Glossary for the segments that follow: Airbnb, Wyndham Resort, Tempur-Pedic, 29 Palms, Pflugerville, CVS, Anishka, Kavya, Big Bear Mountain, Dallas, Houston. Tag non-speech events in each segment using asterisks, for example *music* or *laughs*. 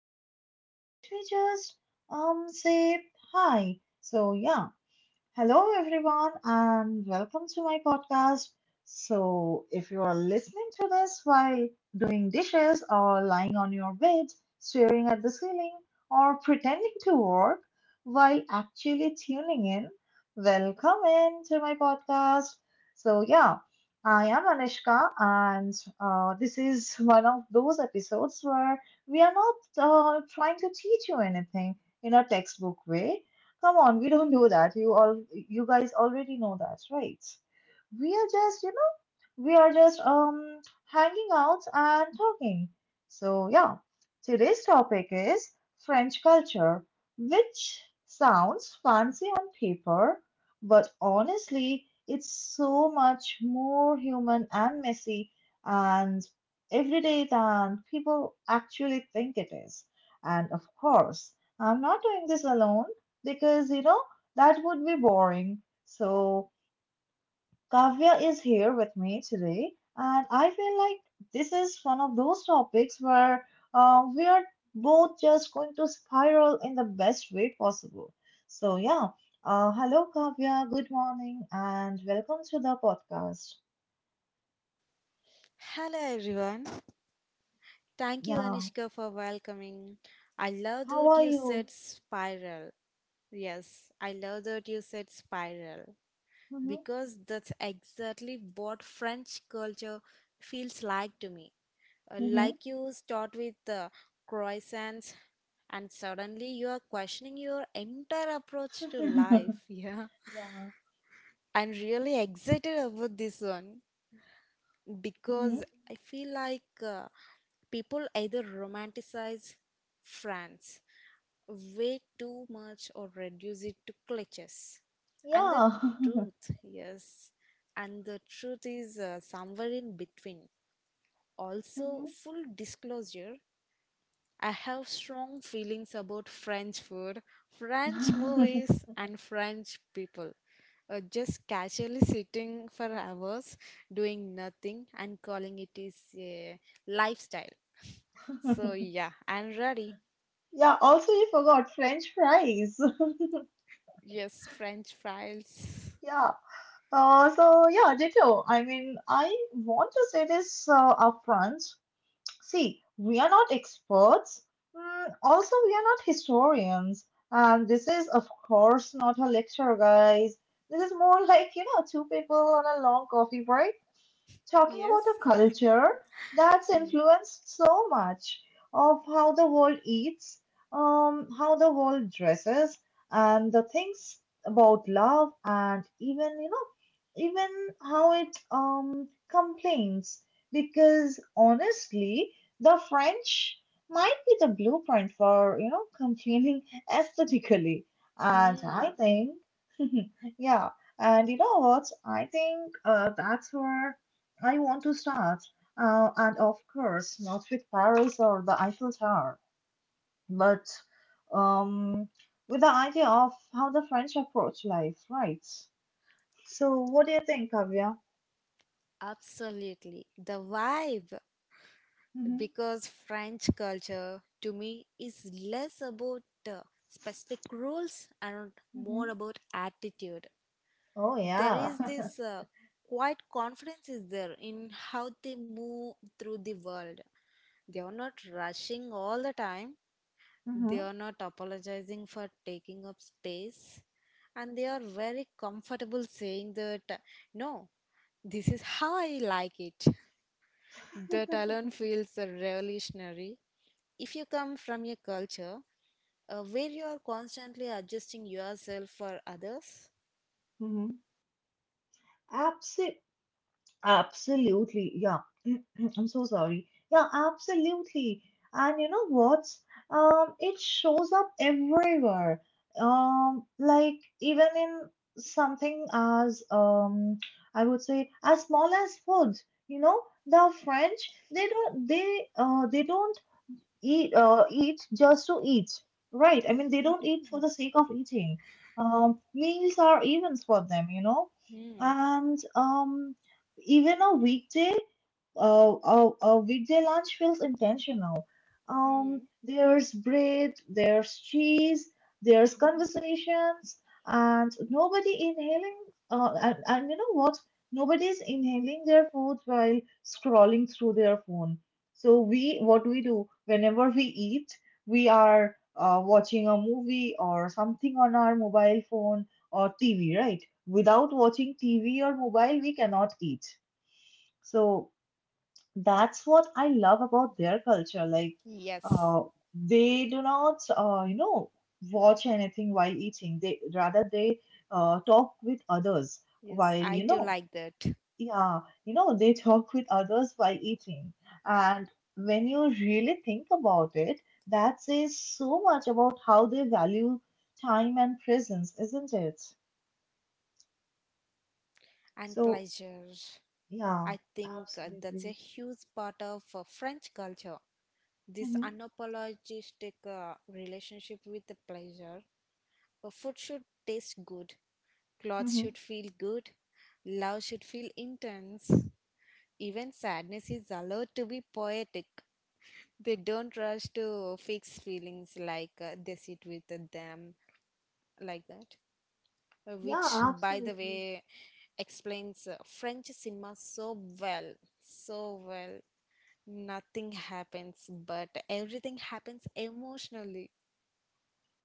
into, let me just say hi. So yeah, hello, everyone, and welcome to my podcast. So, if you are listening to this while doing dishes or lying on your bed, staring at the ceiling, or pretending to work while actually tuning in, welcome in to my podcast. So, yeah, I am Anishka, and this is one of those episodes where we are not trying to teach you anything in a textbook way. Come on, we don't do that. You guys already know that, right? We are just, you we are just hanging out and talking. So yeah, today's topic is French culture, which sounds fancy on paper, but honestly, it's so much more human and messy and everyday than people actually think it is. And of course, I'm not doing this alone because you know that would be boring. So Kavya is here with me today, and I feel like this is one of those topics where we are both just going to spiral in the best way possible. So, yeah, hello Kavya, good morning, and welcome to the podcast. Hello everyone. Thank you Yeah, Anishka for welcoming. I love how that are you you? said spiral. Yes, I love that you said spiral hmm because that's exactly what French culture feels like to me. Uh, hmm *laughs* Like you start with the croissants and suddenly you are questioning your entire approach to life. *laughs* Yeah. Yeah. I'm really excited about this one because hmm I feel like people either romanticize France way too much or reduce it to cliches. And the Yeah. *laughs* truth, yes, and the truth is somewhere in between. Also, hmm full disclosure, I have strong feelings about French food, French *laughs* movies, and French people. Just casually sitting for hours doing nothing and calling it is a lifestyle, so yeah, I'm ready. yeah, also, you forgot French fries. *laughs* Yes, French fries. Yeah. So yeah, ditto. I mean, I want to say this upfront. See, we are not experts. Mm, also, we are not historians. And this is, of course, not a lecture, guys. This is more like, you know, two people on a long coffee break talking about Yes. a culture that's influenced so much of how the world eats, how the world dresses, and the things about love, and even you know, even how it complains. Because honestly, the French might be the blueprint for complaining *laughs* aesthetically, and I Mm-hmm. think, *laughs* yeah. And you know what? I think that's where I want to start, and of course, not with Paris or the Eiffel Tower, but um, with the idea of how the French approach life, right? So, what do you think, Kavya? Absolutely. The vibe, Mm-hmm, because French culture to me is less about uh, specific rules and more mm-hmm. about attitude. Oh, There yeah. is *laughs* this quiet confidence is there in how they move through the world. They are not rushing all the time. Mm-hmm. They are not apologizing for taking up space and they are very comfortable saying that no, this is how I like it. That alone feels revolutionary. If you come from a culture where you are constantly adjusting yourself for others. Mm-hmm. Absolutely. Yeah. *clears throat* I'm so sorry. Yeah, absolutely. And you know what? It shows up everywhere. Like even in something as I would say as small as food. You know, the French, they don't eat eat just to eat, right? I mean, they don't eat for the sake of eating. Meals are events for them, you know, Hmm, and even a weekday lunch feels intentional. Hmm, There's bread, there's cheese, there's hmm. conversations, and nobody inhaling. And you know what? Nobody's inhaling their food while scrolling through their phone. So what we do whenever we eat, we are watching a movie or something on our mobile phone or TV, right? Without watching TV or mobile, we cannot eat. So that's what I love about their culture. Like, Yes, uh, they do not, you know, watch anything while eating. They rather they talk with others yes, while, I you too know, like that. yeah, you know, they talk with others while eating. And when you really think about it, that says so much about how they value time and presence, isn't it? And So, pleasure. yeah, I think that's a absolutely. huge part of French culture, this hmm unapologetic relationship with the pleasure. Food should taste good, clothes hmm should feel good, love should feel intense. Even sadness is allowed to be poetic. They don't rush to fix feelings, like they sit with them like that. Yeah, Which, by the absolutely. way, explains French cinema so well, so well, nothing happens but everything happens emotionally.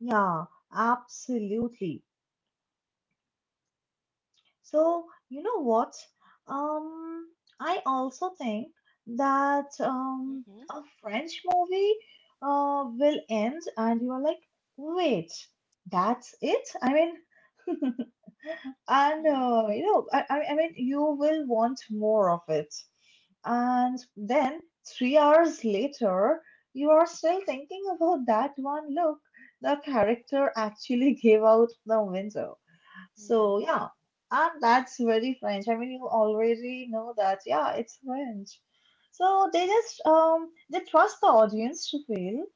Yeah, absolutely. So, you know what? Um, I also think that Hmm? a French movie will end, and you are like, wait, that's it? I mean, *laughs* and Hmm? uh, I mean, you will want more of it. And then 3 hours later, you are still thinking about that one look the character actually *laughs* gave out the window. So Mhm. yeah, and that's very French. I mean, you already know that. Yeah, it's French. So they just they trust the audience to fail,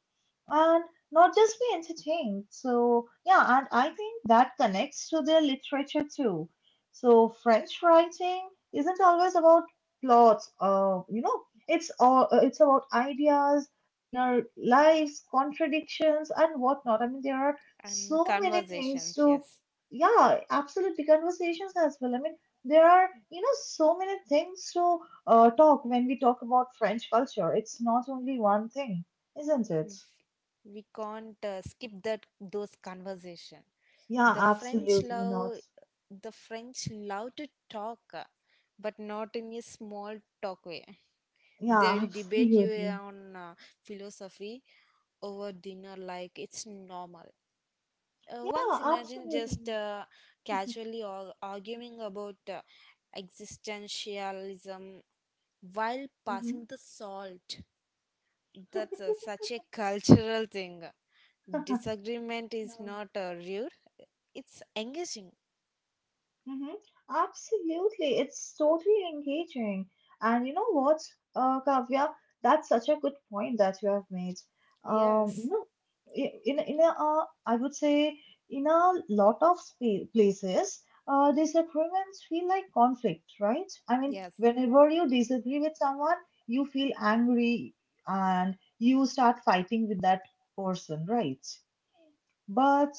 and not just be entertained. So, yeah, and I think that connects to their literature too. So, French writing isn't always about plots, you know, it's about ideas, inner lives, contradictions, and whatnot. I mean, there are And so many things conversations, to, yes. yeah, absolutely, conversations as well. I mean, there are, you know, so many things to talk when we talk about French culture. It's not only one thing, isn't it? We can't skip that, those conversation. Yeah, The French absolutely not. love the French love to talk, but not in a small talk way. They Yeah, *laughs* will debate you uh, absolutely. on uh, philosophy over dinner like it's normal. Once Yeah, imagine just absolutely. Casually or arguing about existentialism while Mm-hmm. passing the salt. That's a, such a cultural thing. Disagreement is Yeah. not rude, it's engaging. Mm-hmm. Absolutely. It's totally engaging. And you know what, Kavya, that's such a good point that you have made. You Yes, know, I would say in a lot of places, disagreements feel like conflict, right? I mean, yes, whenever you disagree with someone, you feel angry and you start fighting with that person, right? But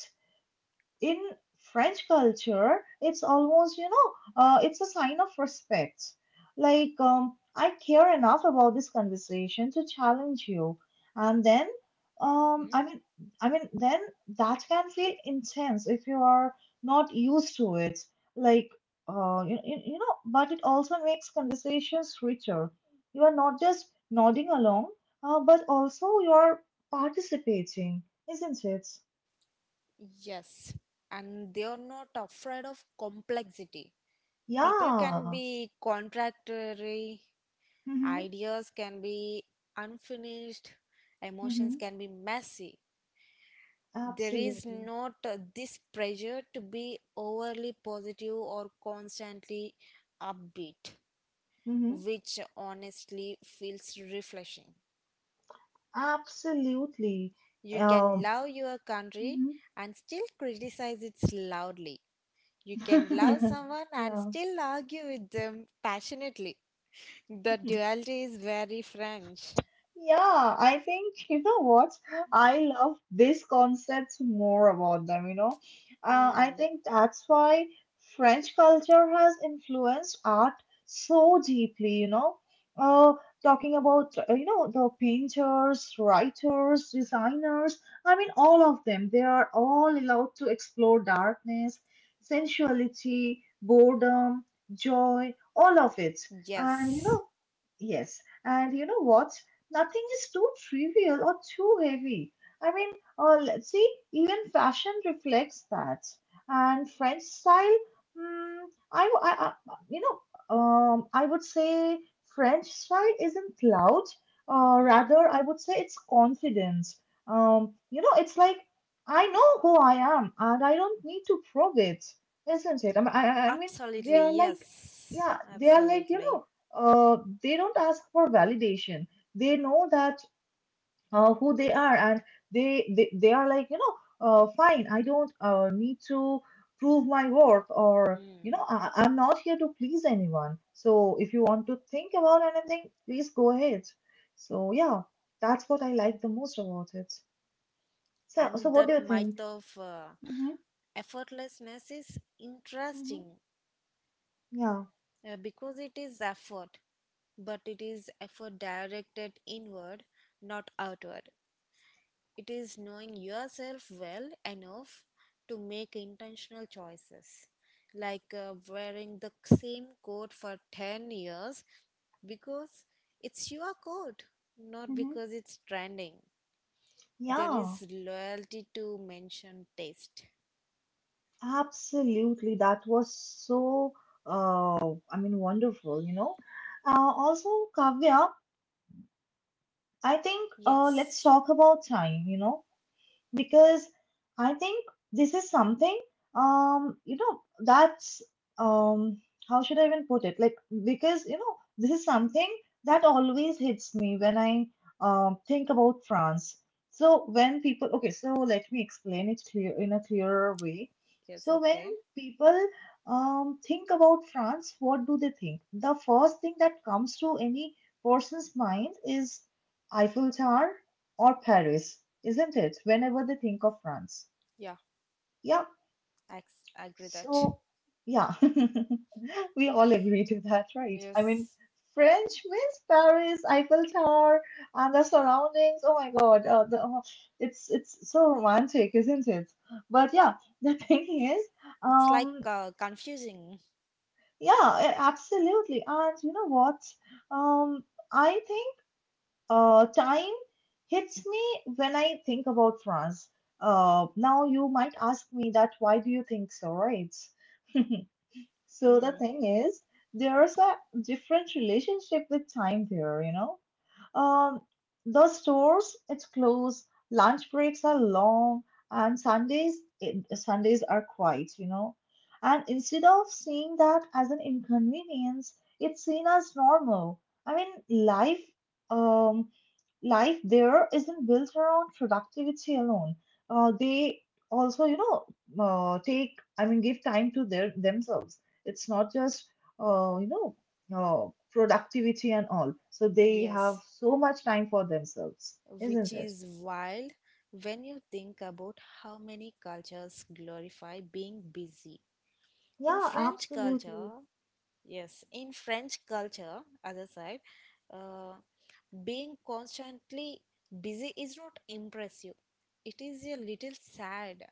in French culture, it's almost, you know, it's a sign of respect. Like, I care enough about this conversation to challenge you. And then, um, hmm, I mean, then that can feel intense if you are not used to it. Like, you know, but it also makes conversations richer. You are not just nodding along, but also you are participating, isn't it? yes. And they are not afraid of complexity. People can Yeah. be contradictory, Mm-hmm. ideas can be unfinished, Mm-hmm. emotions can be messy. There is Absolutely. not this pressure to be overly positive or constantly upbeat, Mm-hmm. which honestly feels refreshing. Absolutely. You can Um, love your country mhm. and still criticize it loudly. You can love someone *laughs* and yeah. still argue with them passionately. The *laughs* duality is very French. Yeah, I think *laughs* you know what? I love this concept more about them, you know. I Hmm. think that's why French culture has influenced art so deeply, you know. Uh, talking about, you know, the painters, writers, designers, I mean, all of them, they are all allowed to explore darkness, sensuality, boredom, joy, all of it. And, you Yes. know, yes, and you know what? Nothing is too trivial or too heavy. I mean, let's see, even fashion reflects that. And French style, mm, I, w- I- you know, I would say French style isn't loud. Hmm. Rather, I would say it's confidence. You know, it's like I know who I am, and I don't need to prove it, isn't it? I mean, they Absolutely. are like, Yes. yeah, they are like, you Absolutely. know, uh, they don't ask for validation. They know that who they are, and they are like, you know, fine, I don't need to prove my worth. Or, you Hmm. know, I, I'm not here to please anyone, so if you want to think about anything, please go ahead. So yeah, that's what I like the most about it. So, so And what do that you think? might of Mm-hmm, effortlessness is mm-hmm, interesting. yeah. Because it is effort, but it is effort directed inward, not outward. It is knowing yourself well enough to make intentional choices, like wearing the same coat for 10 years because it's your coat, not Mm-hmm, because it's trending. There yeah, is loyalty to mention taste. absolutely. That was so, I mean, wonderful, you know. Also, Kavya, I think let's Yes. talk about time, you know, because I think this is something, um, you know, that's, um, how should I even put it, like, because, you know, this is something that always hits me when I think about France. So when people, okay, so let me explain it clear in a clearer way. Yes, So when okay. people think about France, what do they think? The first thing that comes to any person's mind is Eiffel Tower or Paris, isn't it? Whenever they think of France. Yeah. Yeah. Agree that. So, yeah, *laughs* we all agree to that, right? I mean, Yes. French means Paris, Eiffel Tower, and the surroundings. Oh my God, the, oh, it's so romantic, isn't it? But yeah, the *laughs* thing is, It's like um, confusing. yeah, absolutely. And you know what? Um, I think. Time hits me when I think about France. Now you might ask me that why do you think so, right? So the Hmm. thing is, there's a different relationship with time there, you know, um, the stores, it's closed. Lunch breaks are long, and Sundays are quiet, you know. And instead of seeing that as an inconvenience, it's seen as normal. I mean, life, um, life there isn't built around productivity alone. They also, you know, give time to their themselves. It's not just, you know, oh, productivity and all. So they Yes, have so much time for themselves, which isn't it? is wild when you think about how many cultures glorify being busy. In Yeah, French absolutely. culture, yes, in French culture, other side, uh, being constantly busy is not impressive. It is a little sad.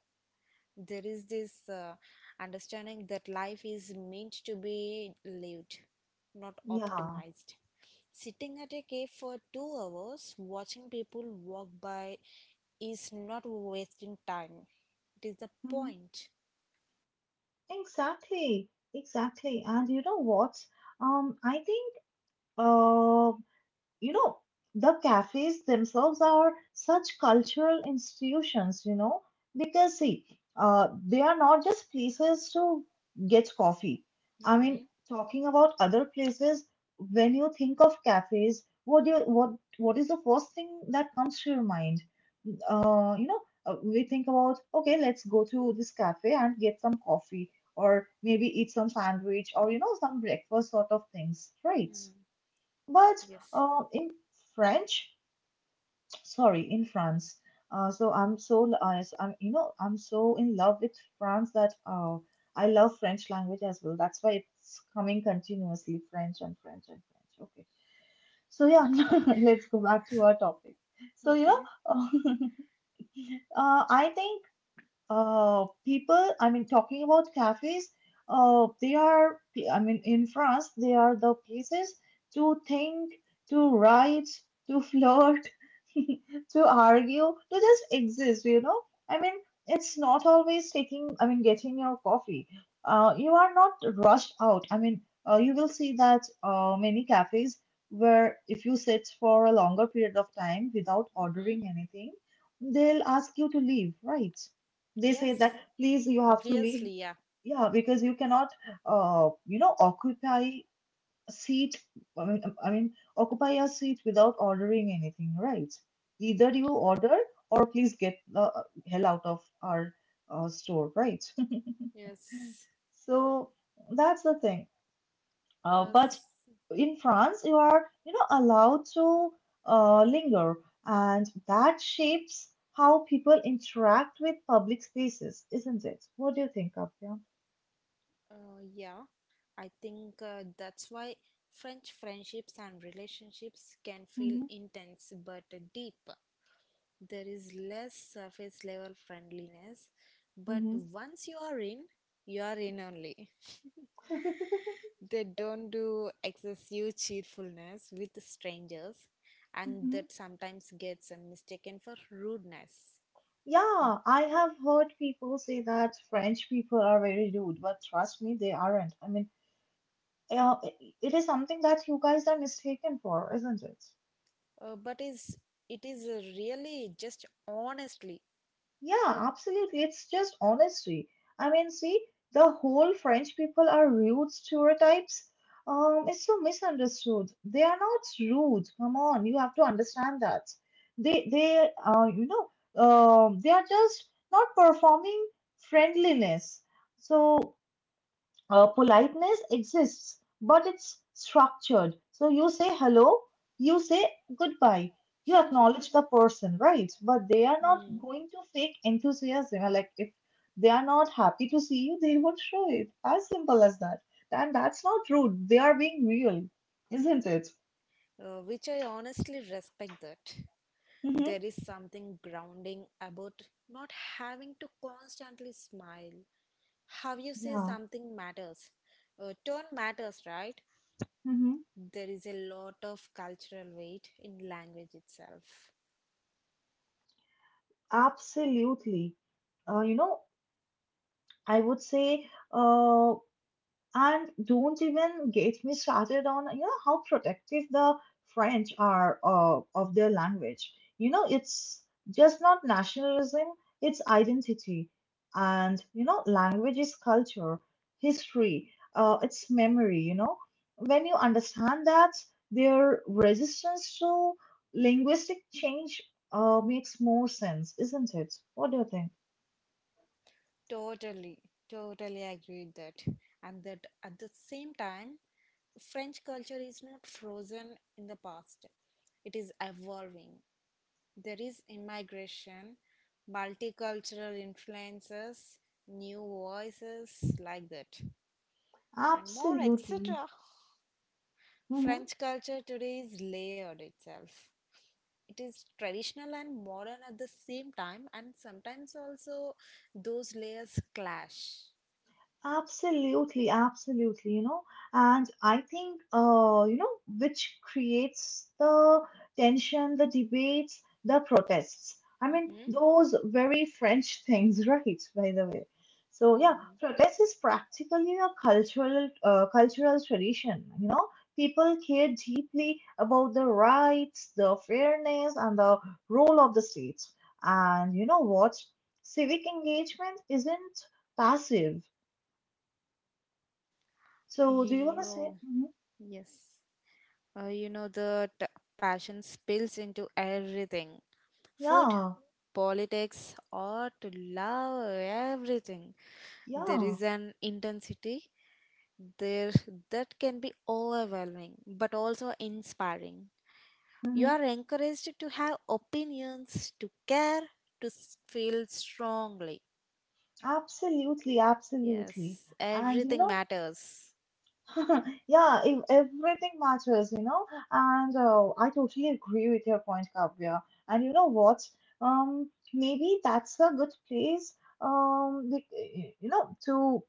There is this understanding that life is meant to be lived, not Yeah, optimized. Sitting at a cave for 2 hours, watching people walk by is not wasting time. It is the hmm point. exactly, exactly. And you know what? I think uh, you know, the cafes themselves are such cultural institutions, you know, because see, they are not just places to get coffee. I mean, Mm-hmm. talking about other places, when you think of cafes, what do you what is the first thing that comes to your mind? uh, you know we think about, okay, let's go to this cafe and get some coffee, or maybe eat some sandwich, or you know, some breakfast sort of things, right? Mm, But yes. uh, in French, sorry, in France. So I'm, you know, I'm so in love with France that I love French language as well. That's why it's coming continuously French and French and French. Okay. So yeah, *laughs* let's go back to our topic. So you Okay. know, *laughs* I think people, I mean, talking about cafes, they are, I mean, in France, they are the places to think, to write, to flirt, *laughs* to argue, to just exist, you know? I mean, it's not always taking, I mean, getting your coffee. You are not rushed out. I mean, you will see that many cafes where if you sit for a longer period of time without Hmm. ordering anything, they'll ask you to leave, right? They say that Yes, please you have to leave, obviously, yeah. yeah, because you cannot occupy a seat, I mean occupy a seat without ordering anything, right? Either you order or please get the hell out of our store, right? *laughs* Yes. So that's the thing, Yes. but in France you are allowed to linger, and that shapes how people interact with public spaces, isn't it? What do you think of? Yeah, I think that's why French friendships and relationships can feel Mhm, intense but deep. There is less surface level friendliness, but mhm, once you are in only. They don't do excessive cheerfulness with strangers, and mhm. *laughs* that sometimes gets mistaken for rudeness. Yeah, I have heard people say that French people are very rude, but trust me, they aren't. I mean, yeah, it is something that you guys are mistaken for, isn't it? But is it is really just honestly. Yeah, absolutely. It's just honesty. I mean, see, the whole French people are rude stereotypes. It's so misunderstood. They are not rude. Come on, you have to understand that. They they are just not performing friendliness. So politeness exists, but it's structured. So you say hello, you say goodbye, you acknowledge the person, right? But they are not Hmm. going to fake enthusiasm. Like if they are not happy to see you, they won't show it. As simple as that. And that's not rude. They are being real, isn't it? Uh, which I honestly respect that. Hmm. There is something grounding about not having to constantly smile. How you say Yeah. something matters. Tone matters, right? Hmm. There is a lot of cultural weight in language itself. Absolutely. Uh, you know, I would say. Uh, And don't even get me started on, you know, how protective the French are of their language. You know, it's just not nationalism, it's identity. And, you know, language is culture, history, it's memory, you know. When you understand that, their resistance to linguistic change makes more sense, isn't it? What do you think? Totally, totally agree with that. And that at the same time, French culture is not frozen in the past, it is evolving. There is immigration, multicultural influences, new voices like that, and more, Absolutely. etc. Mhm. French culture today is layered itself. It is traditional and modern at the same time, and sometimes also those layers clash. Absolutely, absolutely, you know, and I think, which creates the tension, the debates, the protests. I mean, Mm-hmm. those very French things, *laughs* right, by the way. So yeah, Mm. protest is practically a cultural, cultural tradition, you know. People care deeply about the rights, the fairness, and the role of the state. And you know what? Civic engagement isn't passive, so, do you want to say? Yo, Mhm. yes. Uh, you know, the t- Passion spills into everything, food, Yeah, politics, art, love, everything. There yeah, is an intensity there that can be overwhelming but also inspiring. You hmm, are encouraged to have opinions, to care, feel strongly. absolutely, absolutely. Yes, And you everything know, matters. *laughs* yeah, if everything matters, you know, and I totally agree with your point, Kavya. And you know what? Maybe that's a good place, like, you know, to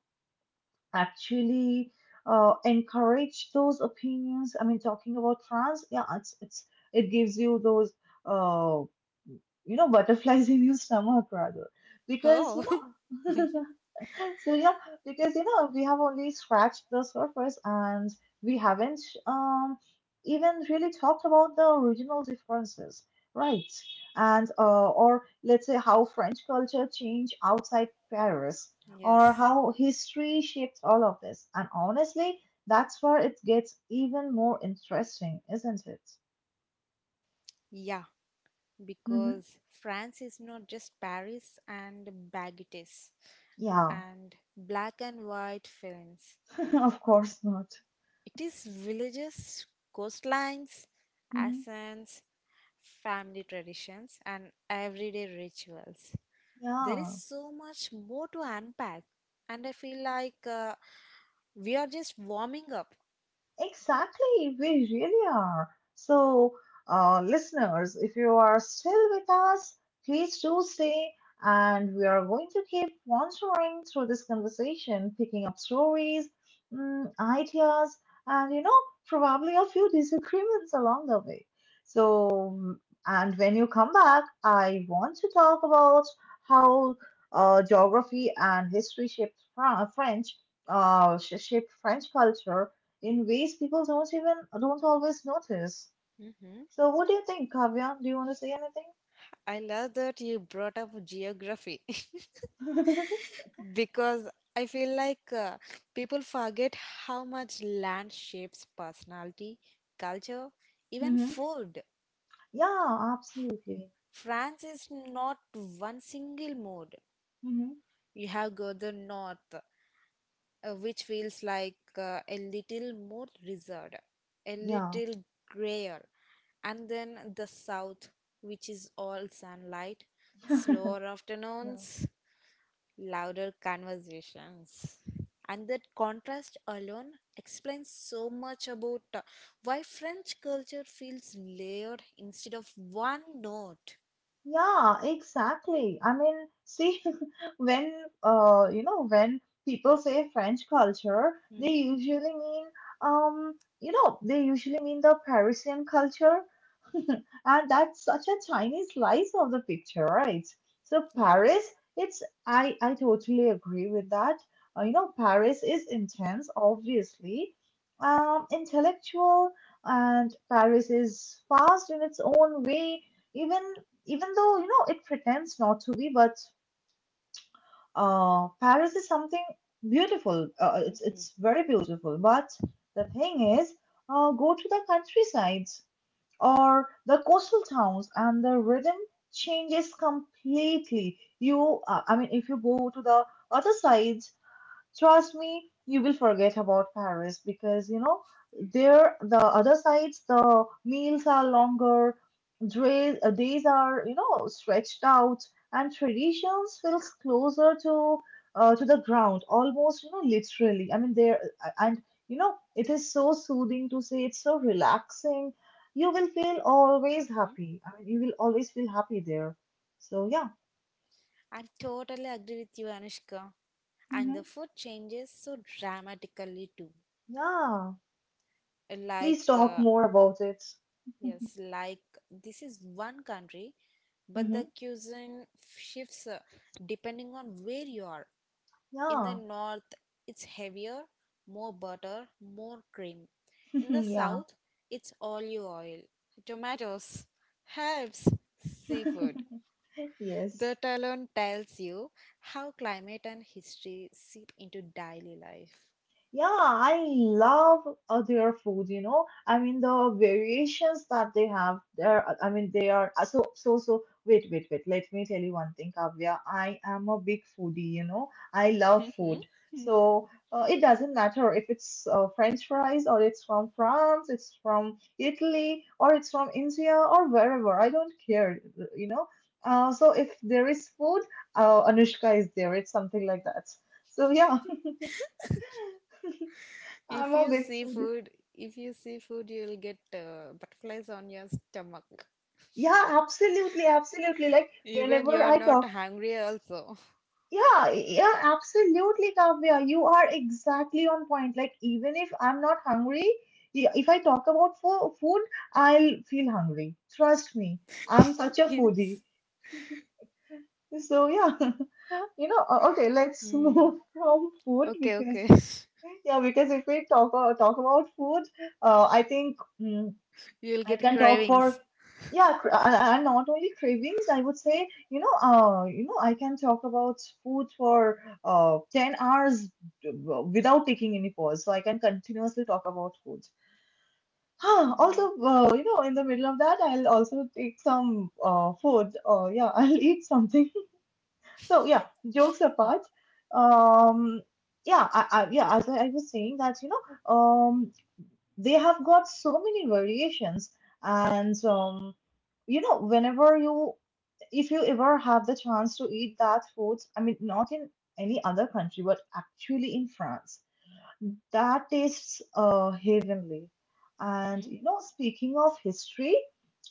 actually encourage those opinions. I mean, talking about trans, yeah, it's it gives you those. Uh, Butterflies in your stomach rather. Because, you Oh, know, *laughs* so yeah, because, you know, we have only scratched the surface and we haven't um, even really talked about the original differences, right? And, or let's say how French culture changed outside Paris *laughs* or yes. how history shaped all of this. And honestly, that's where it gets even more interesting, isn't it? Yeah. Hmm. Because France is not just Paris and baguettes Yeah, and black and white films. *laughs* of course not. It is villages, coastlines, Mhm. accents, family traditions, and everyday rituals. There is 娘。so much more to unpack, and I feel like we are just warming up. Exactly, we really are. So, listeners, if you are still with us, please do stay, and we are going to keep wandering through this conversation, picking up stories, mm, ideas, and you know, probably a few disagreements along the way. So, mm, and when you come back, I want to talk about how geography and history shaped French, shaped French culture in ways people don't always notice. Hmm. So what do you think, Kavya? Do you want to say I love that you brought up geography *laughs* anything? *laughs* because I feel like people forget how much land shapes personality, culture, even Mm-hmm. food. Yeah, absolutely. France is not one single mode. Mm-hmm. You have got the north, which feels like a little more reserved, a Yeah. little grayer, and then the south, which is all sunlight, *laughs* slower Yeah. afternoons, louder conversations. And that contrast alone explains so much about why French culture feels layered instead of one note. Yeah, exactly. I mean, see, *laughs* when when people say French culture, they Hmm? usually mean um, the Parisian culture, *laughs* and that's such a tiny slice of the picture, right? So Yeah. Paris, it's I totally agree with that. You know, Paris is intense, obviously, intellectual, and Paris is fast in its own way even even though you know it pretends not to be, but Paris is something beautiful. uh, it's Hmm. it's very beautiful, but the thing is, go to the countryside or the coastal towns and the rhythm changes completely. You uh, i mean if you go to the other side, trust me, you will forget about Paris, because you know there the other sides the meals are longer, days are you know stretched out, and traditions feels closer to the ground almost, you know, literally. I mean there and you know it is so soothing to say, it's so relaxing. You will feel always Hmm. happy. I mean you will always feel happy there. So yeah, I totally agree with you, Anushka. And the hmm, food changes so dramatically too. yeah. Like, Please talk more about it. yes, like this is one country, but the cuisine shifts depending on where you are. In the Yeah, north, it's heavier, more butter, more cream. *laughs* In the yeah, south, it's olive oil, tomatoes, herbs, seafood. *laughs* yes. That alone tells you how climate and history seep into daily life. Yeah, I love their food, you know. I mean the variations that they have there. I mean they are so so so. Wait, wait, wait. Let me tell you one thing, Kavya. I am a big foodie, you know. I love Mhm. food, Hmm. so it doesn't matter if it's French fries or it's from France, it's from Italy, or it's from India or wherever. I don't care, you know. So if there is food, Anushka is there. It's something like that. So yeah, *laughs* I'm If a you big see foodie. food, if you see food, you'll get butterflies on your stomach. Yeah, absolutely, absolutely. Like Even you whenever are I not talk, hungry also. *laughs* yeah, yeah, absolutely, Kavya. You are exactly on point. Like even if I'm not hungry, yeah, if I talk about fo food, I'll feel hungry. Trust me, I'm such a foodie. Yes. So yeah, *laughs* you know, okay, let's *laughs* Hmm. move from food Okay, because okay. *laughs* yeah, because if we talk talk about food, I think. Mm, You'll I get can talk for cravings. yeah, and not only cravings. I would say, you know, I can talk about food for 10 hours without taking any pause. So I can continuously talk about food. Huh, Mhm. also, you know, in the middle of that, I'll also take some food. Yeah, *laughs* I'll eat something. *laughs* So yeah, jokes apart, um, yeah, I yeah, as I was saying that you know, they have got so many variations and you know, if you ever have the chance to eat that food, I mean, not in any other country, but actually in France, that tastes heavenly. And you know, speaking of history,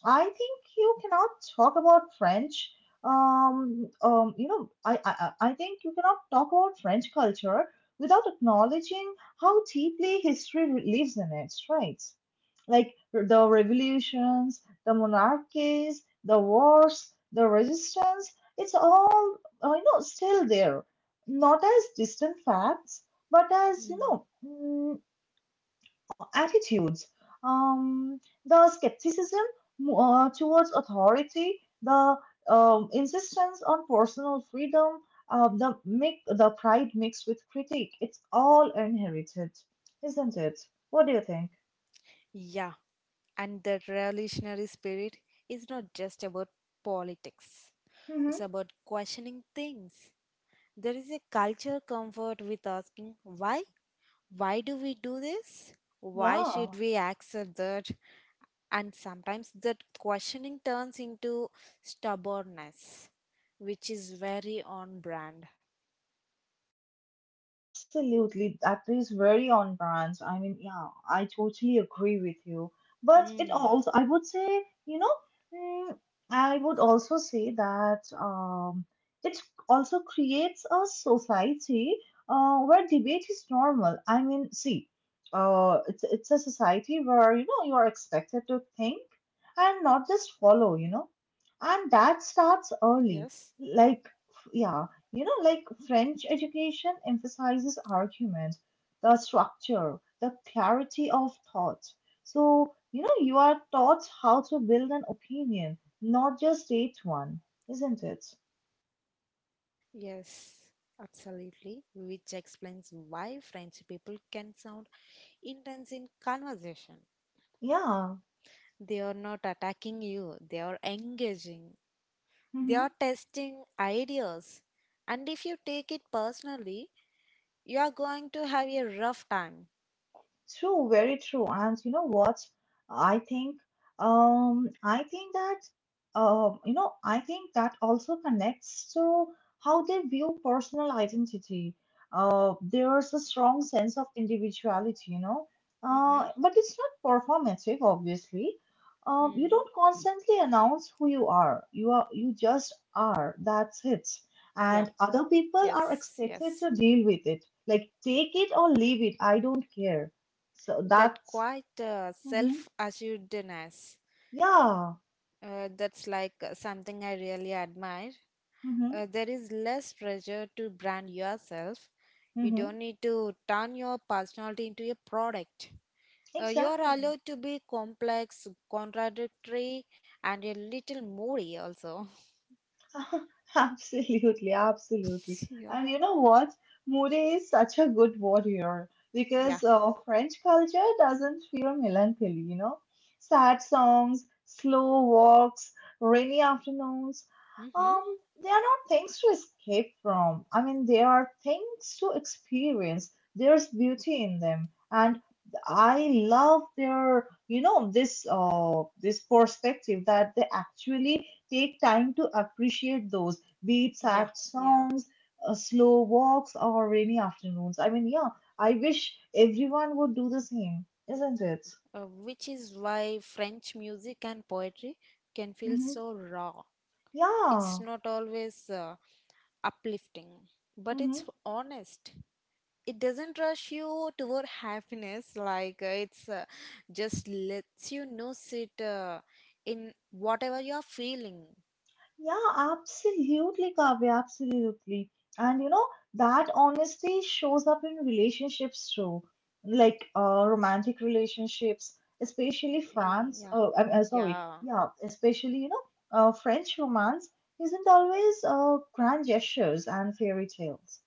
I think you cannot talk about French. You know, I think you cannot talk about French culture without acknowledging how deeply history lives in it, right? Like the revolutions, the monarchies, the wars, the resistance, it's all, still there. Not as distant facts, but as you Mm. know, mm, attitudes, um, the skepticism towards authority, the insistence on personal freedom, the mix, the pride mixed with critique, it's all inherited, isn't it? What do you think? Yeah, and the revolutionary spirit is not just about politics, Mm-hmm. it's about questioning things. There is a culture comfort with asking why? Why do we do this? Why Yeah. should we accept that? And sometimes that questioning turns into stubbornness, which is very on brand. Yeah, absolutely. That is very on brand. I mean, yeah, I totally agree with you. But it Mm. also, I would say, you know, mm, I would also say that it also creates a society where debate is normal. I mean, see, it's a society where, you know, you are expected to think and not just follow, you know, and that starts early. Yes. Like, yeah, you know, like French education emphasizes argument, the structure, the clarity of thought. So, you know, you are taught how to build an opinion, not just state one, isn't it? Yes, absolutely. Which explains why French people can sound intense in conversation. Yeah. They are not attacking you, they are engaging, they Mm-hmm. are testing ideas. And if you take it personally, you are going to have a rough time. True, very true. And you know what? I think, I think that, I think that also connects to how they view personal identity. There's a strong sense of individuality, you know, Mm-hmm. But it's not performative, obviously. You Mm. don't constantly announce who you are. You are, you just are. That's it. Yeah, And other people are yes, expected yes. to deal with it. Like, take it or leave it. I don't care, so That that's quite Mm-hmm. self assuredness. Yeah, That's like something I really admire. Mm-hmm. Uh, there is less pressure to brand yourself. You Mm-hmm. don't need to turn your personality into a product. You are Exactly. allowed to be complex, contradictory, and a little moody also. *laughs* Absolutely, absolutely. *laughs* Yeah. And you know what? Moody is such a good word here Yeah. because French culture doesn't feel melancholy, you know? Sad songs, slow walks, rainy afternoons. Hmm. Um, they are not things to escape from. I mean, they are things to experience. There's beauty in them. And I love their, you know, this this perspective that they actually take time to appreciate those, be it Yeah. sad Yeah. songs, slow walks, or rainy afternoons. I mean, yeah, I wish everyone would do the same, isn't it? Which is why French music and poetry can feel Hmm. so raw. It's Yeah. not always uplifting, but Hmm. it's honest. It doesn't rush you toward happiness, like it's just lets you know sit in whatever you are feeling. Yeah, absolutely, Kavya, absolutely. And you know, that honesty shows up in relationships too, like romantic relationships, especially Eh, France. yeah, I'm Sorry, yeah, yeah, especially French romance isn't always grand gestures and fairy tales.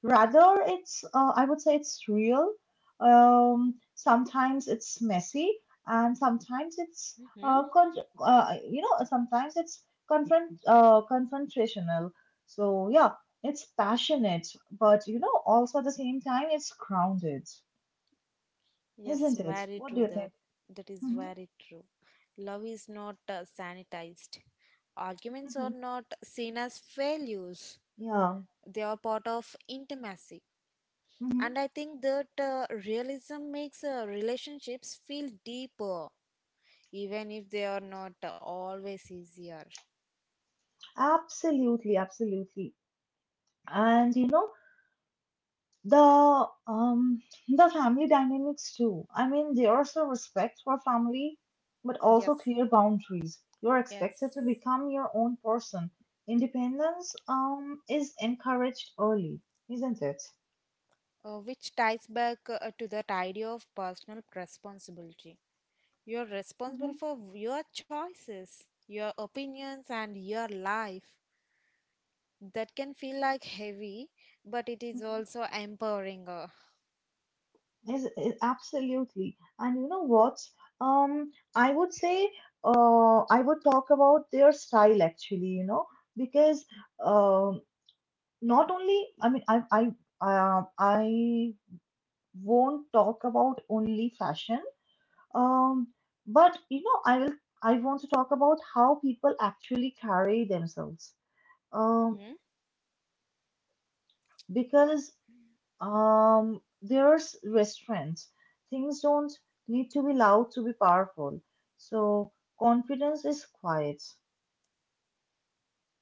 Rather, it's I would say it's real. Sometimes it's messy, and sometimes it's hmm, con- you know, sometimes it's confront confrontational, so yeah, it's passionate, but you know, also at the same time, it's grounded, yes, isn't it? very What do true you that. think? That is Hmm. very true. Love is not sanitized, arguments Hmm. are not seen as failures, Yeah. they are part of intimacy, Hmm. and I think that realism makes relationships feel deeper even if they are not always easier. Absolutely, absolutely. And you know, the um the family dynamics too. I mean, there's a respect for family, but also Yes, clear boundaries. You're yes. expected to become your own person. Independence is encouraged early, isn't it? Which ties back to that idea of personal responsibility. You're responsible Mhm. for your choices, your opinions, and your life. That can feel like heavy, but it is Mhm. also empowering. Is absolutely, and you know what? Um, I would say, I would talk about their style actually, you know, because um, not only, I mean, I won't talk about only fashion, um, but you know, I will, I want to talk about how people actually carry themselves, um, Mm-hmm. because there's restraint. Things don't need to be loud to be powerful. So confidence is quiet.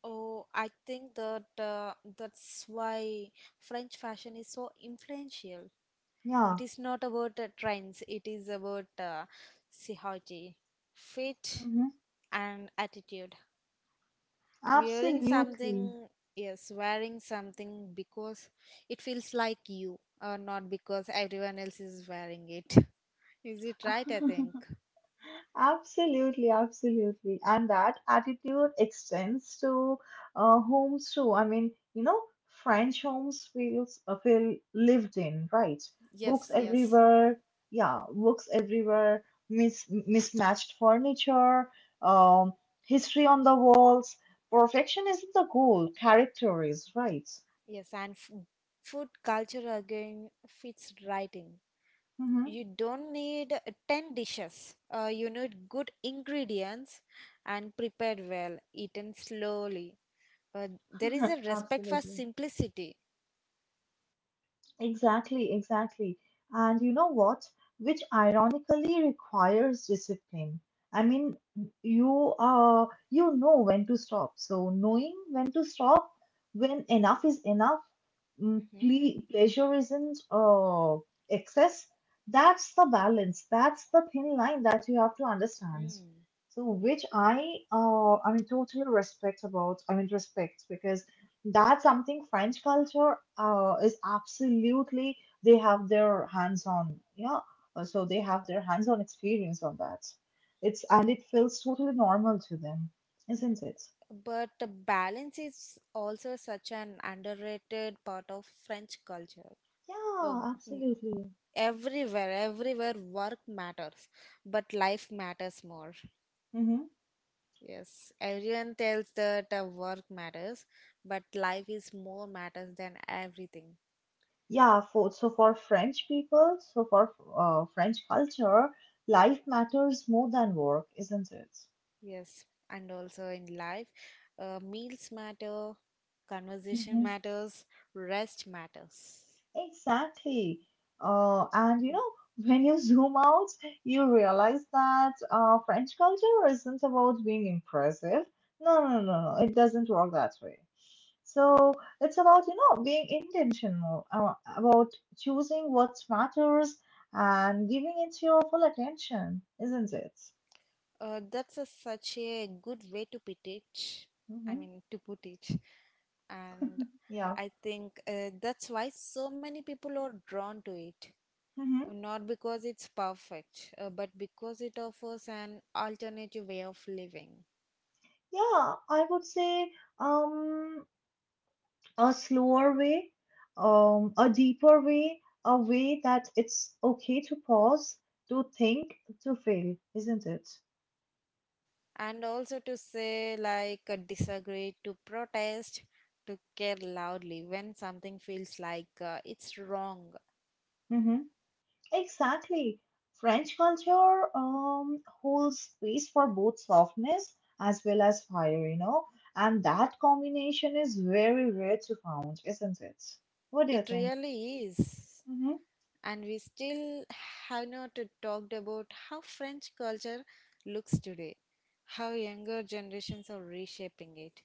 Oh, I think that that's why French fashion is so influential. It Yeah. is not about trends, it is about psychology, fit, Hmm. and attitude. Wearing Absolutely. something, yes, wearing something because it feels like you, or not because everyone else is wearing it. *laughs* Is it right? I *laughs* think. Absolutely, absolutely. And that attitude extends to homes too. I mean, you know, French homes feels feel lived in, right? Yes, Books yes, everywhere, yeah, books everywhere, mismatched furniture, um, history on the walls. Perfection isn't the goal, character is, right? yes. Food culture again fits right in. Mm-hmm. You don't need 10 dishes. You need good ingredients and prepared well, eaten slowly. There is a *laughs* respect for Absolutely. simplicity. Exactly, exactly. And you know what? Which ironically requires discipline. I mean, you know when to stop. So knowing when to stop, when enough is enough, mm, Mm-hmm. Pleasure isn't excess. That's the balance. That's the thin line that you have to understand. Mm. So which I mean totally respect about, I mean respect because that's something French culture is absolutely, they have their hands on, yeah. So they have their hands on experience on that. It's, and it feels totally normal to them, isn't it? But balance is also such an underrated part of French culture. Uh, Yeah, w- absolutely. everywhere, work matters, but life matters more. Mm-hmm. Yes, everyone tells that work matters, but life is more matters than everything. Yeah, for, so for French people, so for French culture, life matters more than work, isn't it? Yes, and also in life, meals matter, conversation *laughs* Mm-hmm. matters, rest matters. Exactly. And you know, when you zoom out, you realize that French culture isn't about being impressive. No, no, no, no. It doesn't work that way. So it's about, you know, being intentional, about choosing what matters and giving it your full attention, isn't it? That's a, such a good way to put it. I Mm-hmm. mean, to put it. And Yeah. I think that's why so many people are drawn to it. Mm-hmm. Not because it's perfect, but because it offers an alternative way of living. Yeah, I would say, um, a slower way, a deeper way, a way that it's okay to pause, to think, to feel, isn't it? And also to say, like, disagree, to protest, to care loudly when something feels like it's wrong. Hmm. Exactly. French culture holds space for both softness as well as fire, you know, and that combination is very rare to find, isn't it? What do you It think? really is. Mm-hmm. And we still have not talked about how French culture looks today, how younger generations are reshaping it,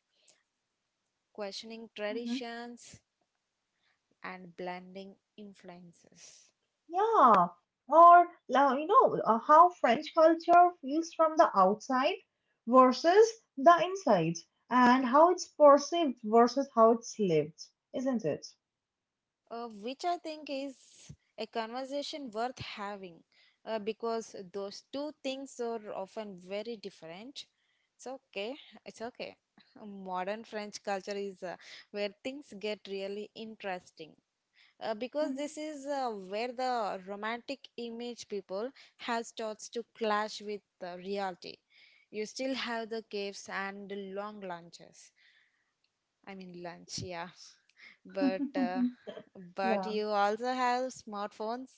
questioning Mm-hmm. traditions and blending influences, Yeah, or how French culture feels from the outside versus the inside, and how it's perceived versus how it's lived, isn't it? Which I think is a conversation worth having because those two things are often very different. It's okay. It's okay. Modern French culture is where things get really interesting because Mhm. this is where the romantic image people have starts to clash with the reality. You still have the caves and long lunches. I mean lunch, yeah, but uh, *laughs* but Yeah. you also have smartphones,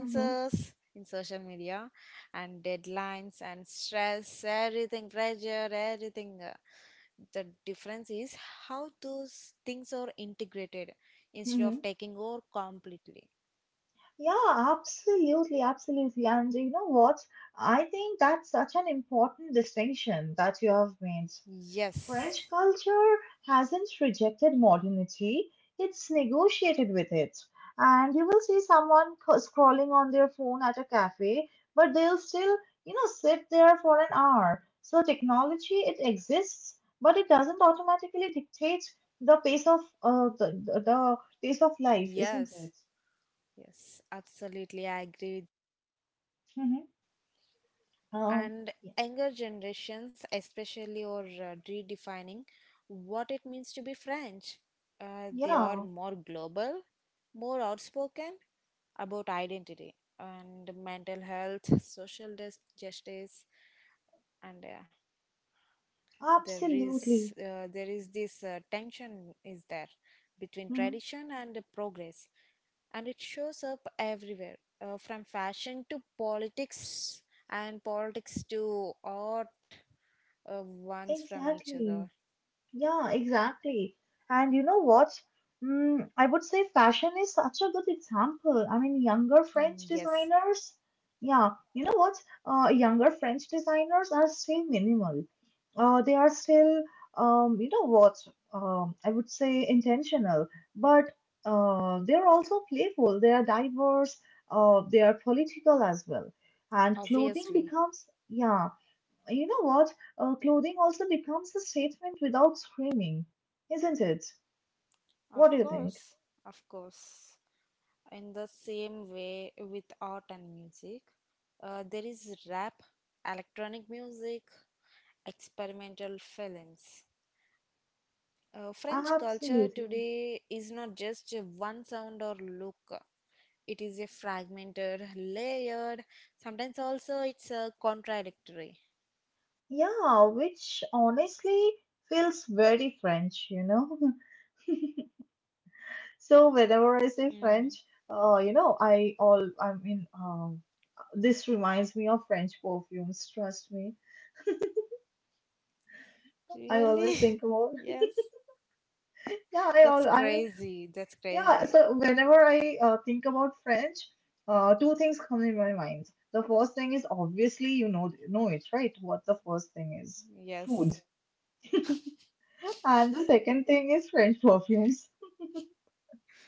Hmm. in social media, and deadlines and stress everything, pressure everything. The difference is how those things are integrated instead Hmm. of taking over completely. Yeah, absolutely, absolutely. And you know what? I think that's such an important distinction that you have made. French Yes, culture hasn't rejected modernity, it's negotiated with it. And you will see scrolling on their phone at a cafe, but they'll still, you know, sit there for an hour. So technology, it exists, but it doesn't automatically dictate the pace of life, isn't yes, it? yes, absolutely, I agree. *laughs* Um, And y- younger generations especially are redefining what it means to be French. They are yeah, more global, more outspoken about identity and mental health, justice, and absolutely. There is this tension is there between Mhm. tradition and progress, and it shows up everywhere, from fashion to politics and politics to art. Ones from each other. Exactly. Yeah, exactly. And you know what? Mm, I would say fashion is such a good example. I mean, younger Mm, French yes, designers, yeah, you know what? Younger French designers are still minimal. They are still, you know what? I would say intentional, but they are also playful. They are diverse. They are political as well. And clothing obviously. becomes, yeah, you know what? Clothing also becomes a statement without screaming, isn't it? Of What do you think? course, of course. In the same way with art and music, there is rap, electronic music, experimental films. French culture Absolutely. today is not just a one sound or look. It is a fragmented, layered, sometimes also it's contradictory. Yeah, which honestly feels very French, you know? *laughs* So whenever I say French, Mm. I all I mean, this reminds me of French perfumes. Trust me, I always Really? think about. *laughs* *laughs* yes. Yeah, I That's all I mean, crazy. That's yeah, crazy. so whenever I think about French, two things come in my mind. The first thing is obviously you know it, right? What the first thing is? Food. Yes. And the second thing is French perfumes.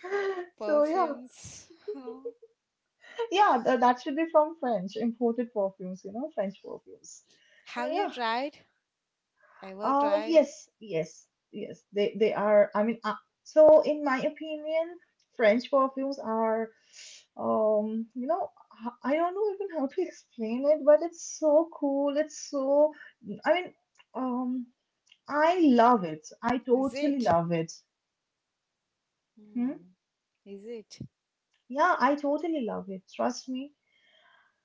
*laughs* So yeah, Perfumes. Oh. yeah, that should be from French, imported perfumes, you know, French perfumes. So Have you yeah. tried? Ever tried? Yes, yes, yes. They are. So in my opinion, French perfumes are, you know, I don't know even how to *laughs* explain it, but it's so cool. It's so. I mean, um, I love it. I Is totally it? love it. Hmm? Hmm. Is it? Yeah, I totally love it. Trust me.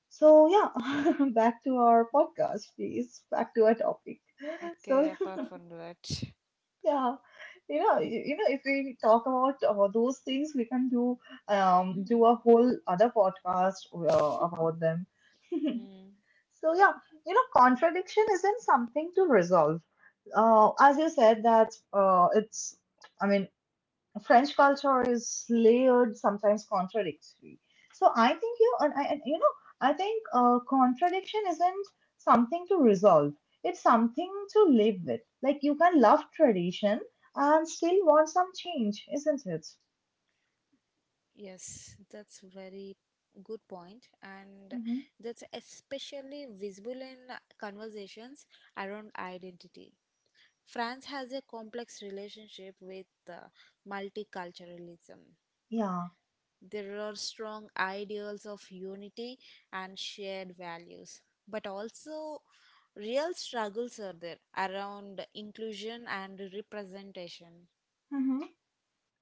So yeah, *laughs* back to our podcast, please. Back to our topic. Okay, So apart from that. yeah, you know, you know, if we talk about those things, we can do do Mm, a whole other podcast about them. *laughs* mm. So yeah, you know, contradiction isn't something to resolve. As you said that it's, I mean, French culture is layered, sometimes contradictory. So I think you and I, and, you know, I think contradiction isn't something to resolve. It's something to live with. Like you can love tradition and still want some change, isn't it? Yes, that's very good point, and Hmm. that's especially visible in conversations around identity. France has a complex relationship with multiculturalism. Yeah. There are strong ideals of unity and shared values, but also real struggles are there around inclusion and representation. Mm-hmm.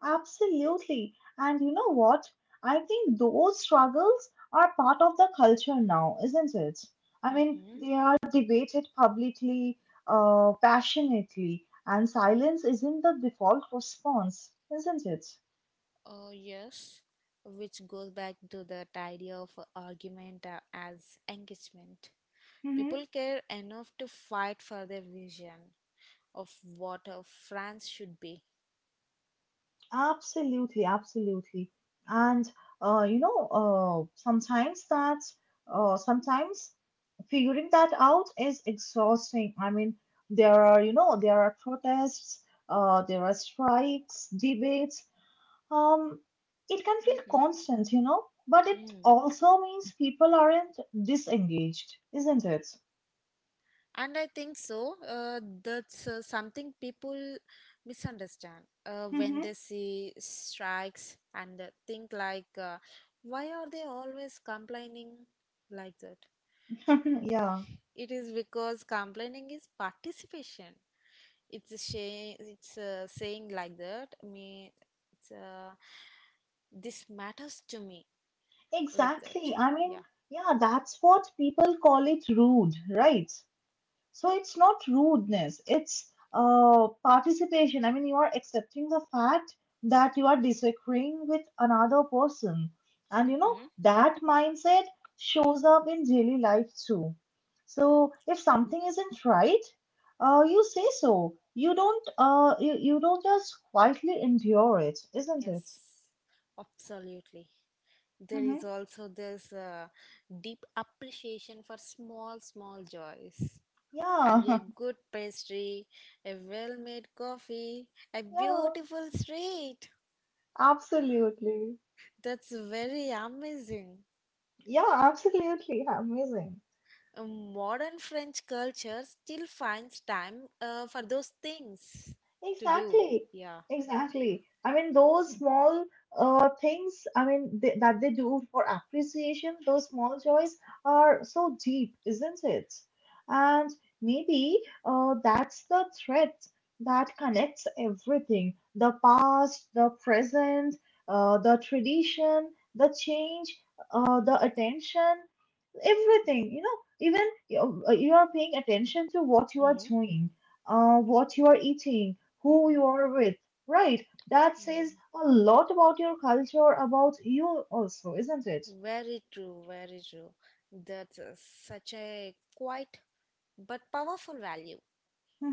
Absolutely. And you know what? I think those struggles are part of the culture now, isn't it? I mean, Mm-hmm. they are debated publicly, passionately, and silence isn't the default response, isn't it? Yes, which goes back to that idea of argument as engagement. People care enough to fight for their vision of what a France should be. Absolutely, absolutely. And uh, you know, uh, sometimes that, sometimes figuring that out is exhausting. I mean, there are, you know, there are protests, there are strikes, debates. Um, it can feel Mm-hmm. constant, you know, but it also means people aren't disengaged, isn't it? And I think so. That's something people misunderstand when Mm-hmm. they see strikes, and they think like, why are they always complaining like that? *laughs* Yeah, It is because complaining is participation. It's a shame. It's a saying like that. Me, it's a, this matters to me like that. exactly. I mean, Yeah. yeah, that's what people call it rude, right? So it's not rudeness, it's participation. I mean, you are accepting the fact that you are disagreeing with another person. And you know, Mm-hmm. that mindset shows up in daily life too. So if something isn't right, you say so. You don't just quietly endure it, isn't Yes. it? Absolutely. There Mm-hmm. is also this deep appreciation for small small joys, and Yeah, a *laughs* good pastry, a well made coffee, a yeah, beautiful street. absolutely. That's very amazing. Yeah, absolutely. Amazing. Uh, Modern French culture still finds time for those things to do, Exactly, yeah. exactly. I mean, those small things, I mean, th that they do for appreciation, those small joys are so deep, isn't it? And maybe that's the thread that connects everything, the past, the present, the tradition, the change, the attention, everything you know, even you, you are paying attention to what you are Mm, doing, what you are eating, who you mm-hmm. are with, right? That says Mm. a lot about your culture, about you also, isn't it? Very true, very true. That's a, such a quite but powerful value.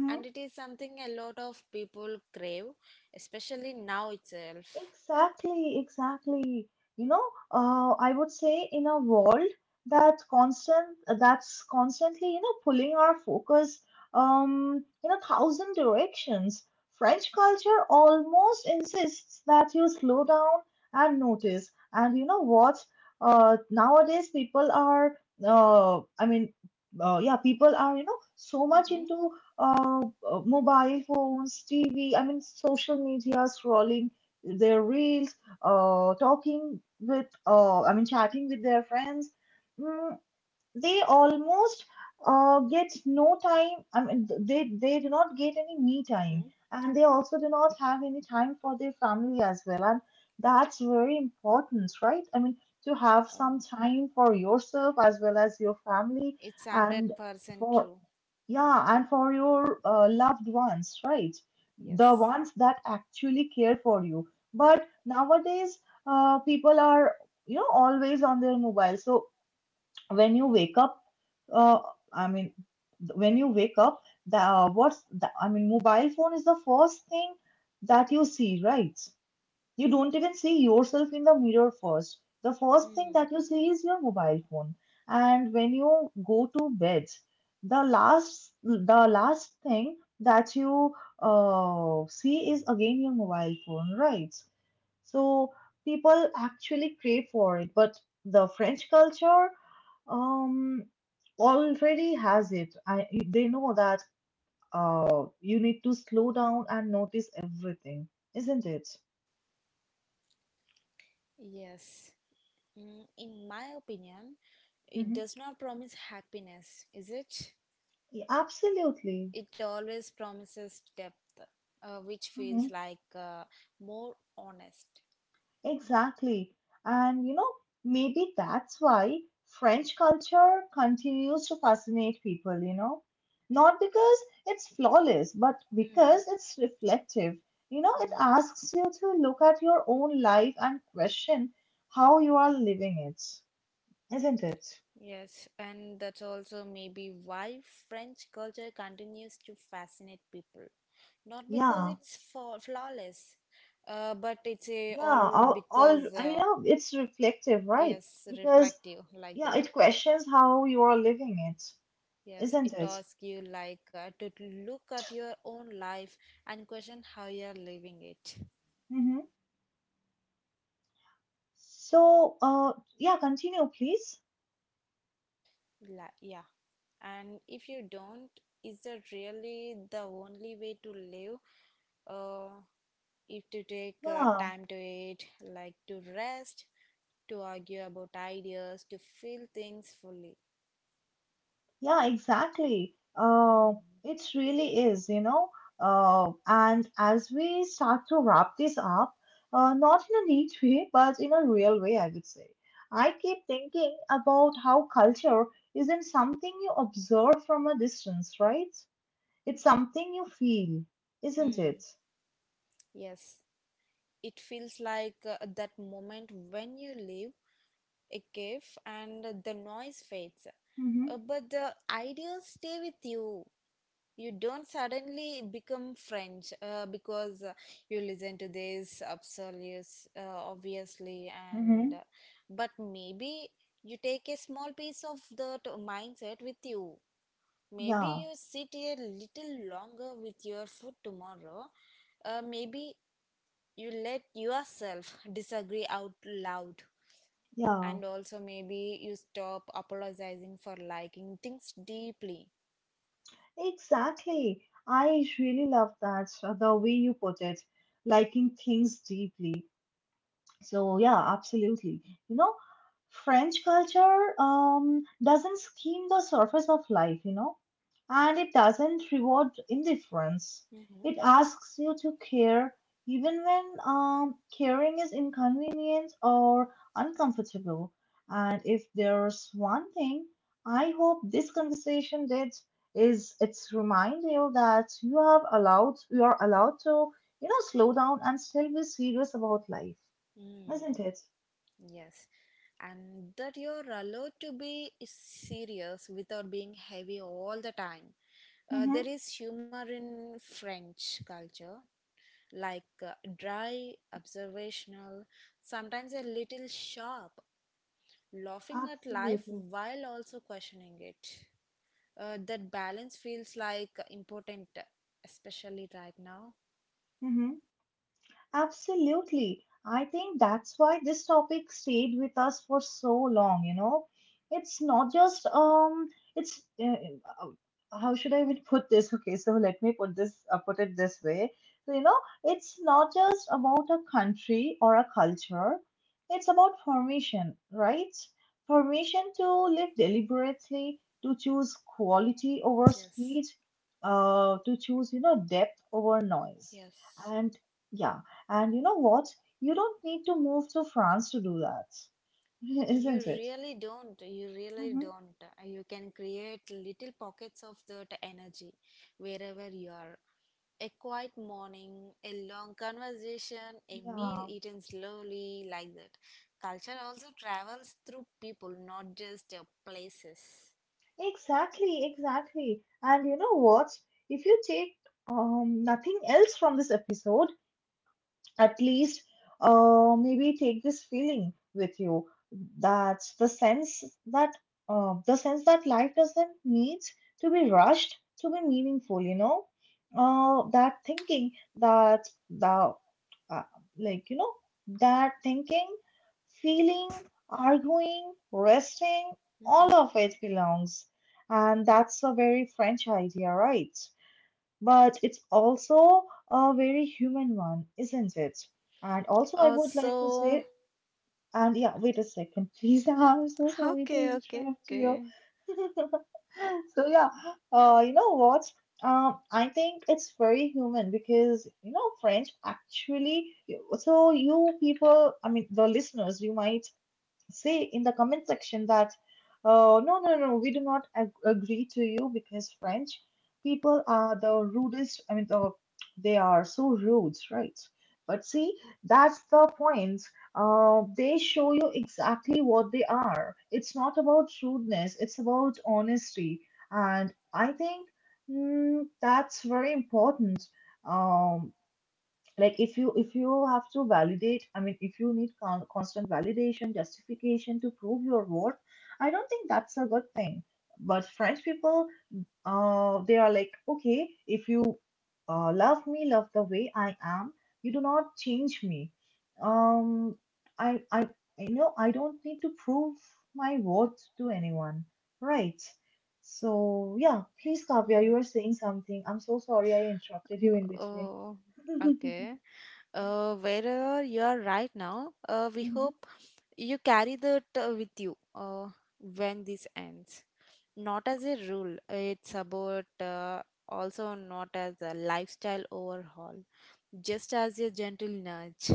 And it is something a lot of people crave, especially now itself. Exactly, exactly. You know, I would say in a world that constantly, you know, pulling our focus in a thousand directions, French culture almost insists that you slow down and notice. And you know what? Nowadays people are I mean, Yeah, people are, you know, so much Mm-hmm. into uh, mobile phones, TV, I mean, social media, scrolling their reels, I mean, chatting with their friends, mm, they almost get no time. I mean, they do not get any me time, Mm-hmm. and they also do not have any time for their family as well. And that's very important, right? I mean, to have some Oh, time for yourself as well as your family, it's and 100% for true. yeah, and for your loved ones, right? The Yes. ones that actually care for you. But nowadays, people are, you know, always on their mobile. So when you wake up, uh, I mean, when you wake up, I mean, mobile phone is the first thing that you see, right? You don't even see yourself in the mirror first. The first thing Mm. that you see is your mobile phone. And when you go to bed, the last thing that you see is again your mobile phone, right? So people actually crave for it, but the French culture um already has it. I, they know that you need to slow down and notice everything, isn't it? Yes, mm, in my opinion it Mm-hmm. does not promise happiness, is it? Yeah, absolutely. It always promises depth, which Hmm. feels like more honest. Exactly. And you know, maybe that's why French culture continues to fascinate people, you know, not because it's flawless, but Mm. because it's reflective. You know, it Mm. asks you to look at your own life and question how you are living it, isn't it? Yes, and that's also maybe why French culture continues to fascinate people. Not because Yeah, flawless, but it's a all yeah, all, because I know it's reflective, right? yes, Because, reflective like yeah, that. it questions how you are living it, Yes, isn't it it? asks you like to look at your own life and question how you're living it. Mm-hmm. So, yeah, continue, please. La yeah. And if you don't, is that really the only way to live? uh, if to take Yeah, time to it, like to rest, to argue about ideas, to feel things fully. yeah, exactly. It really is, you know. And as we start to wrap this up, not in a neat way, but in a real way, I would say. I keep thinking about how culture isn't something you observe from a distance, right? It's something you feel, isn't Hmm. it? Yes. It feels like that moment when you leave a cave and the noise fades. Mm-hmm. But the ideas stay with you. You don't suddenly become French because you listen to this obsolete, obviously, and Mm-hmm. but maybe you take a small piece of that mindset with you. Maybe Yeah, you sit a little longer with your food tomorrow. Maybe you let yourself disagree out loud, yeah. and also maybe you stop apologizing for liking things deeply. Exactly. I really love that, the way you put it, liking things deeply. So yeah, absolutely. You know, French culture doesn't skim the surface of life, you know, and it doesn't reward indifference. Mm-hmm. It asks you to care even when caring is inconvenient or uncomfortable. And if there's one thing I hope this conversation did is it's remind you that you are allowed to you know slow down and still be serious about life, Mm, isn't it? yes. And that you're allowed to be serious without being heavy all the time. Mm-hmm. There is humor in French culture, like dry, observational, sometimes a little sharp, laughing at life Absolutely. while also questioning it. That balance feels like important, especially right now. Mm-hmm. Absolutely. I think that's why this topic stayed with us for so long, you know. It's not just it's uh, how should I even put this? Okay, so let me put this put it this way. So, you know, it's not just about a country or a culture. It's about permission, right? Permission to live deliberately, to choose quality over Yes, speed, to choose, you know, depth over noise. yes, And yeah, and you know what? You don't need to move to France to do that, *laughs* you isn't it? really don't, you really Hmm. don't. You can create little pockets of that energy wherever you are: a quiet morning, a long conversation, a meal Yeah, eaten slowly, like that. Culture also travels through people, not just places. exactly, exactly. And you know what? If you take nothing else from this episode, at least maybe take this feeling with you. That's the sense that life doesn't need to be rushed to be meaningful, you know, that thinking, that the uh, like you know that thinking, feeling, arguing, resting, all of Hmm. it belongs. And that's a very French idea, right? But it's also a very human one, isn't it? And also, I uh, would like to so say, and yeah, wait a second, please. *laughs* I'm so sorry to Okay, okay, interrupt you. okay. *laughs* So yeah, you know what? I think it's very human because you know French actually. So you people, I mean the listeners, you might say in the comment section that, no, no, no, we do not agree to you because French people are the rudest. They are so rude, right? But see, that's the point. They show you exactly what they are. It's not about rudeness, it's about honesty. And I think that's very important. Um, like if you have to validate, I mean if you need constant validation, justification to prove your worth, I don't think that's a good thing. But French people, they are like, okay, if you love me, love the way I am. You do not change me. Um i i I know I don't need to prove my worth to anyone, right? So yeah, please Kavya, you were saying something. I'm so sorry I interrupted you in between. Oh, *laughs* okay. Wherever you are right now, we Mhm. hope you carry that with you when this ends. Not as a rule, it's about also not as a lifestyle overhaul, just as a gentle nudge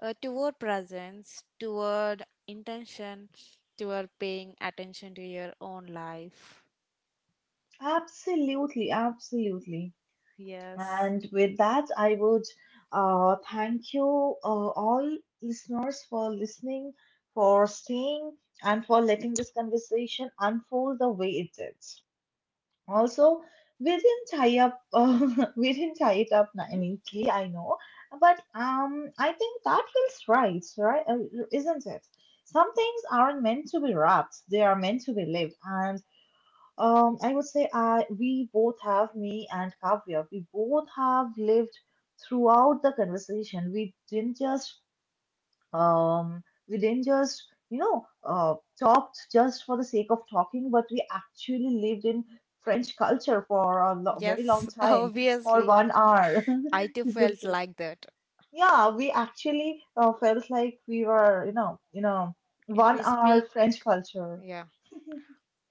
toward presence, toward intention, toward paying attention to your own life. Absolutely, absolutely. Yes. And with that, I would thank you, all listeners, for listening, for staying, and for letting this conversation unfold the way it did. Also, we didn't tie up, *laughs* we didn't tie it up ni- Hmm? neatly, I know, but I think that feels right, right? Isn't it? Some things aren't meant to be wrapped; they are meant to be lived, and I would say I we both, have me and Kavya. We both have lived throughout the conversation. We didn't just, you know, talked just for the sake of talking, but we actually lived in French culture for a lo very long Yes, *laughs* time, for obviously. 1 hour, I *laughs* too isn't felt it? like that. Yeah, we actually felt like we were, you know, If one we hour speak, French culture. yeah.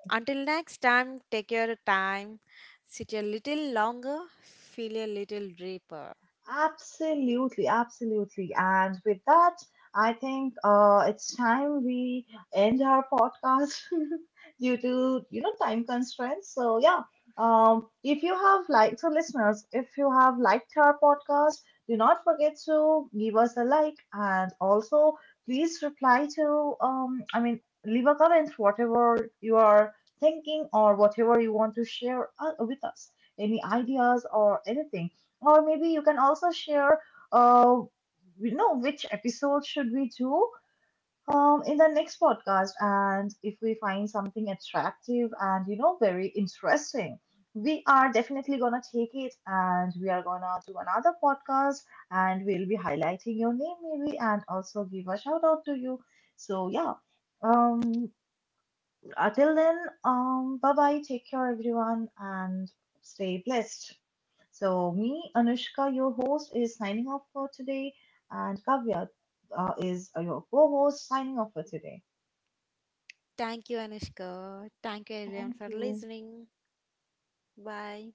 Until next time, take your time, sit a little longer, feel a little deeper. Absolutely, absolutely. And with that, I think it's time we end our podcast *laughs* due to, you know, time constraints. So yeah, if you have liked, so listeners, if you have liked our podcast, do not forget to give us a like and also please reply to, I mean, leave a comment, whatever you are thinking or whatever you want to share with us, any ideas or anything. Or maybe you can also share uh you know which episode should we do in the next podcast, and if we find something attractive and, you know, very interesting, we are definitely gonna take it and we are gonna do another podcast, and we'll be highlighting your name maybe and also give a shout out to you. So yeah, um until then, bye bye, take care everyone, and stay blessed. So, me, Anushka, your host, is signing off for today, and Kavya is your co host, signing off for today. Thank you, Anushka. Thank you, everyone, Thank for you. listening. Bye.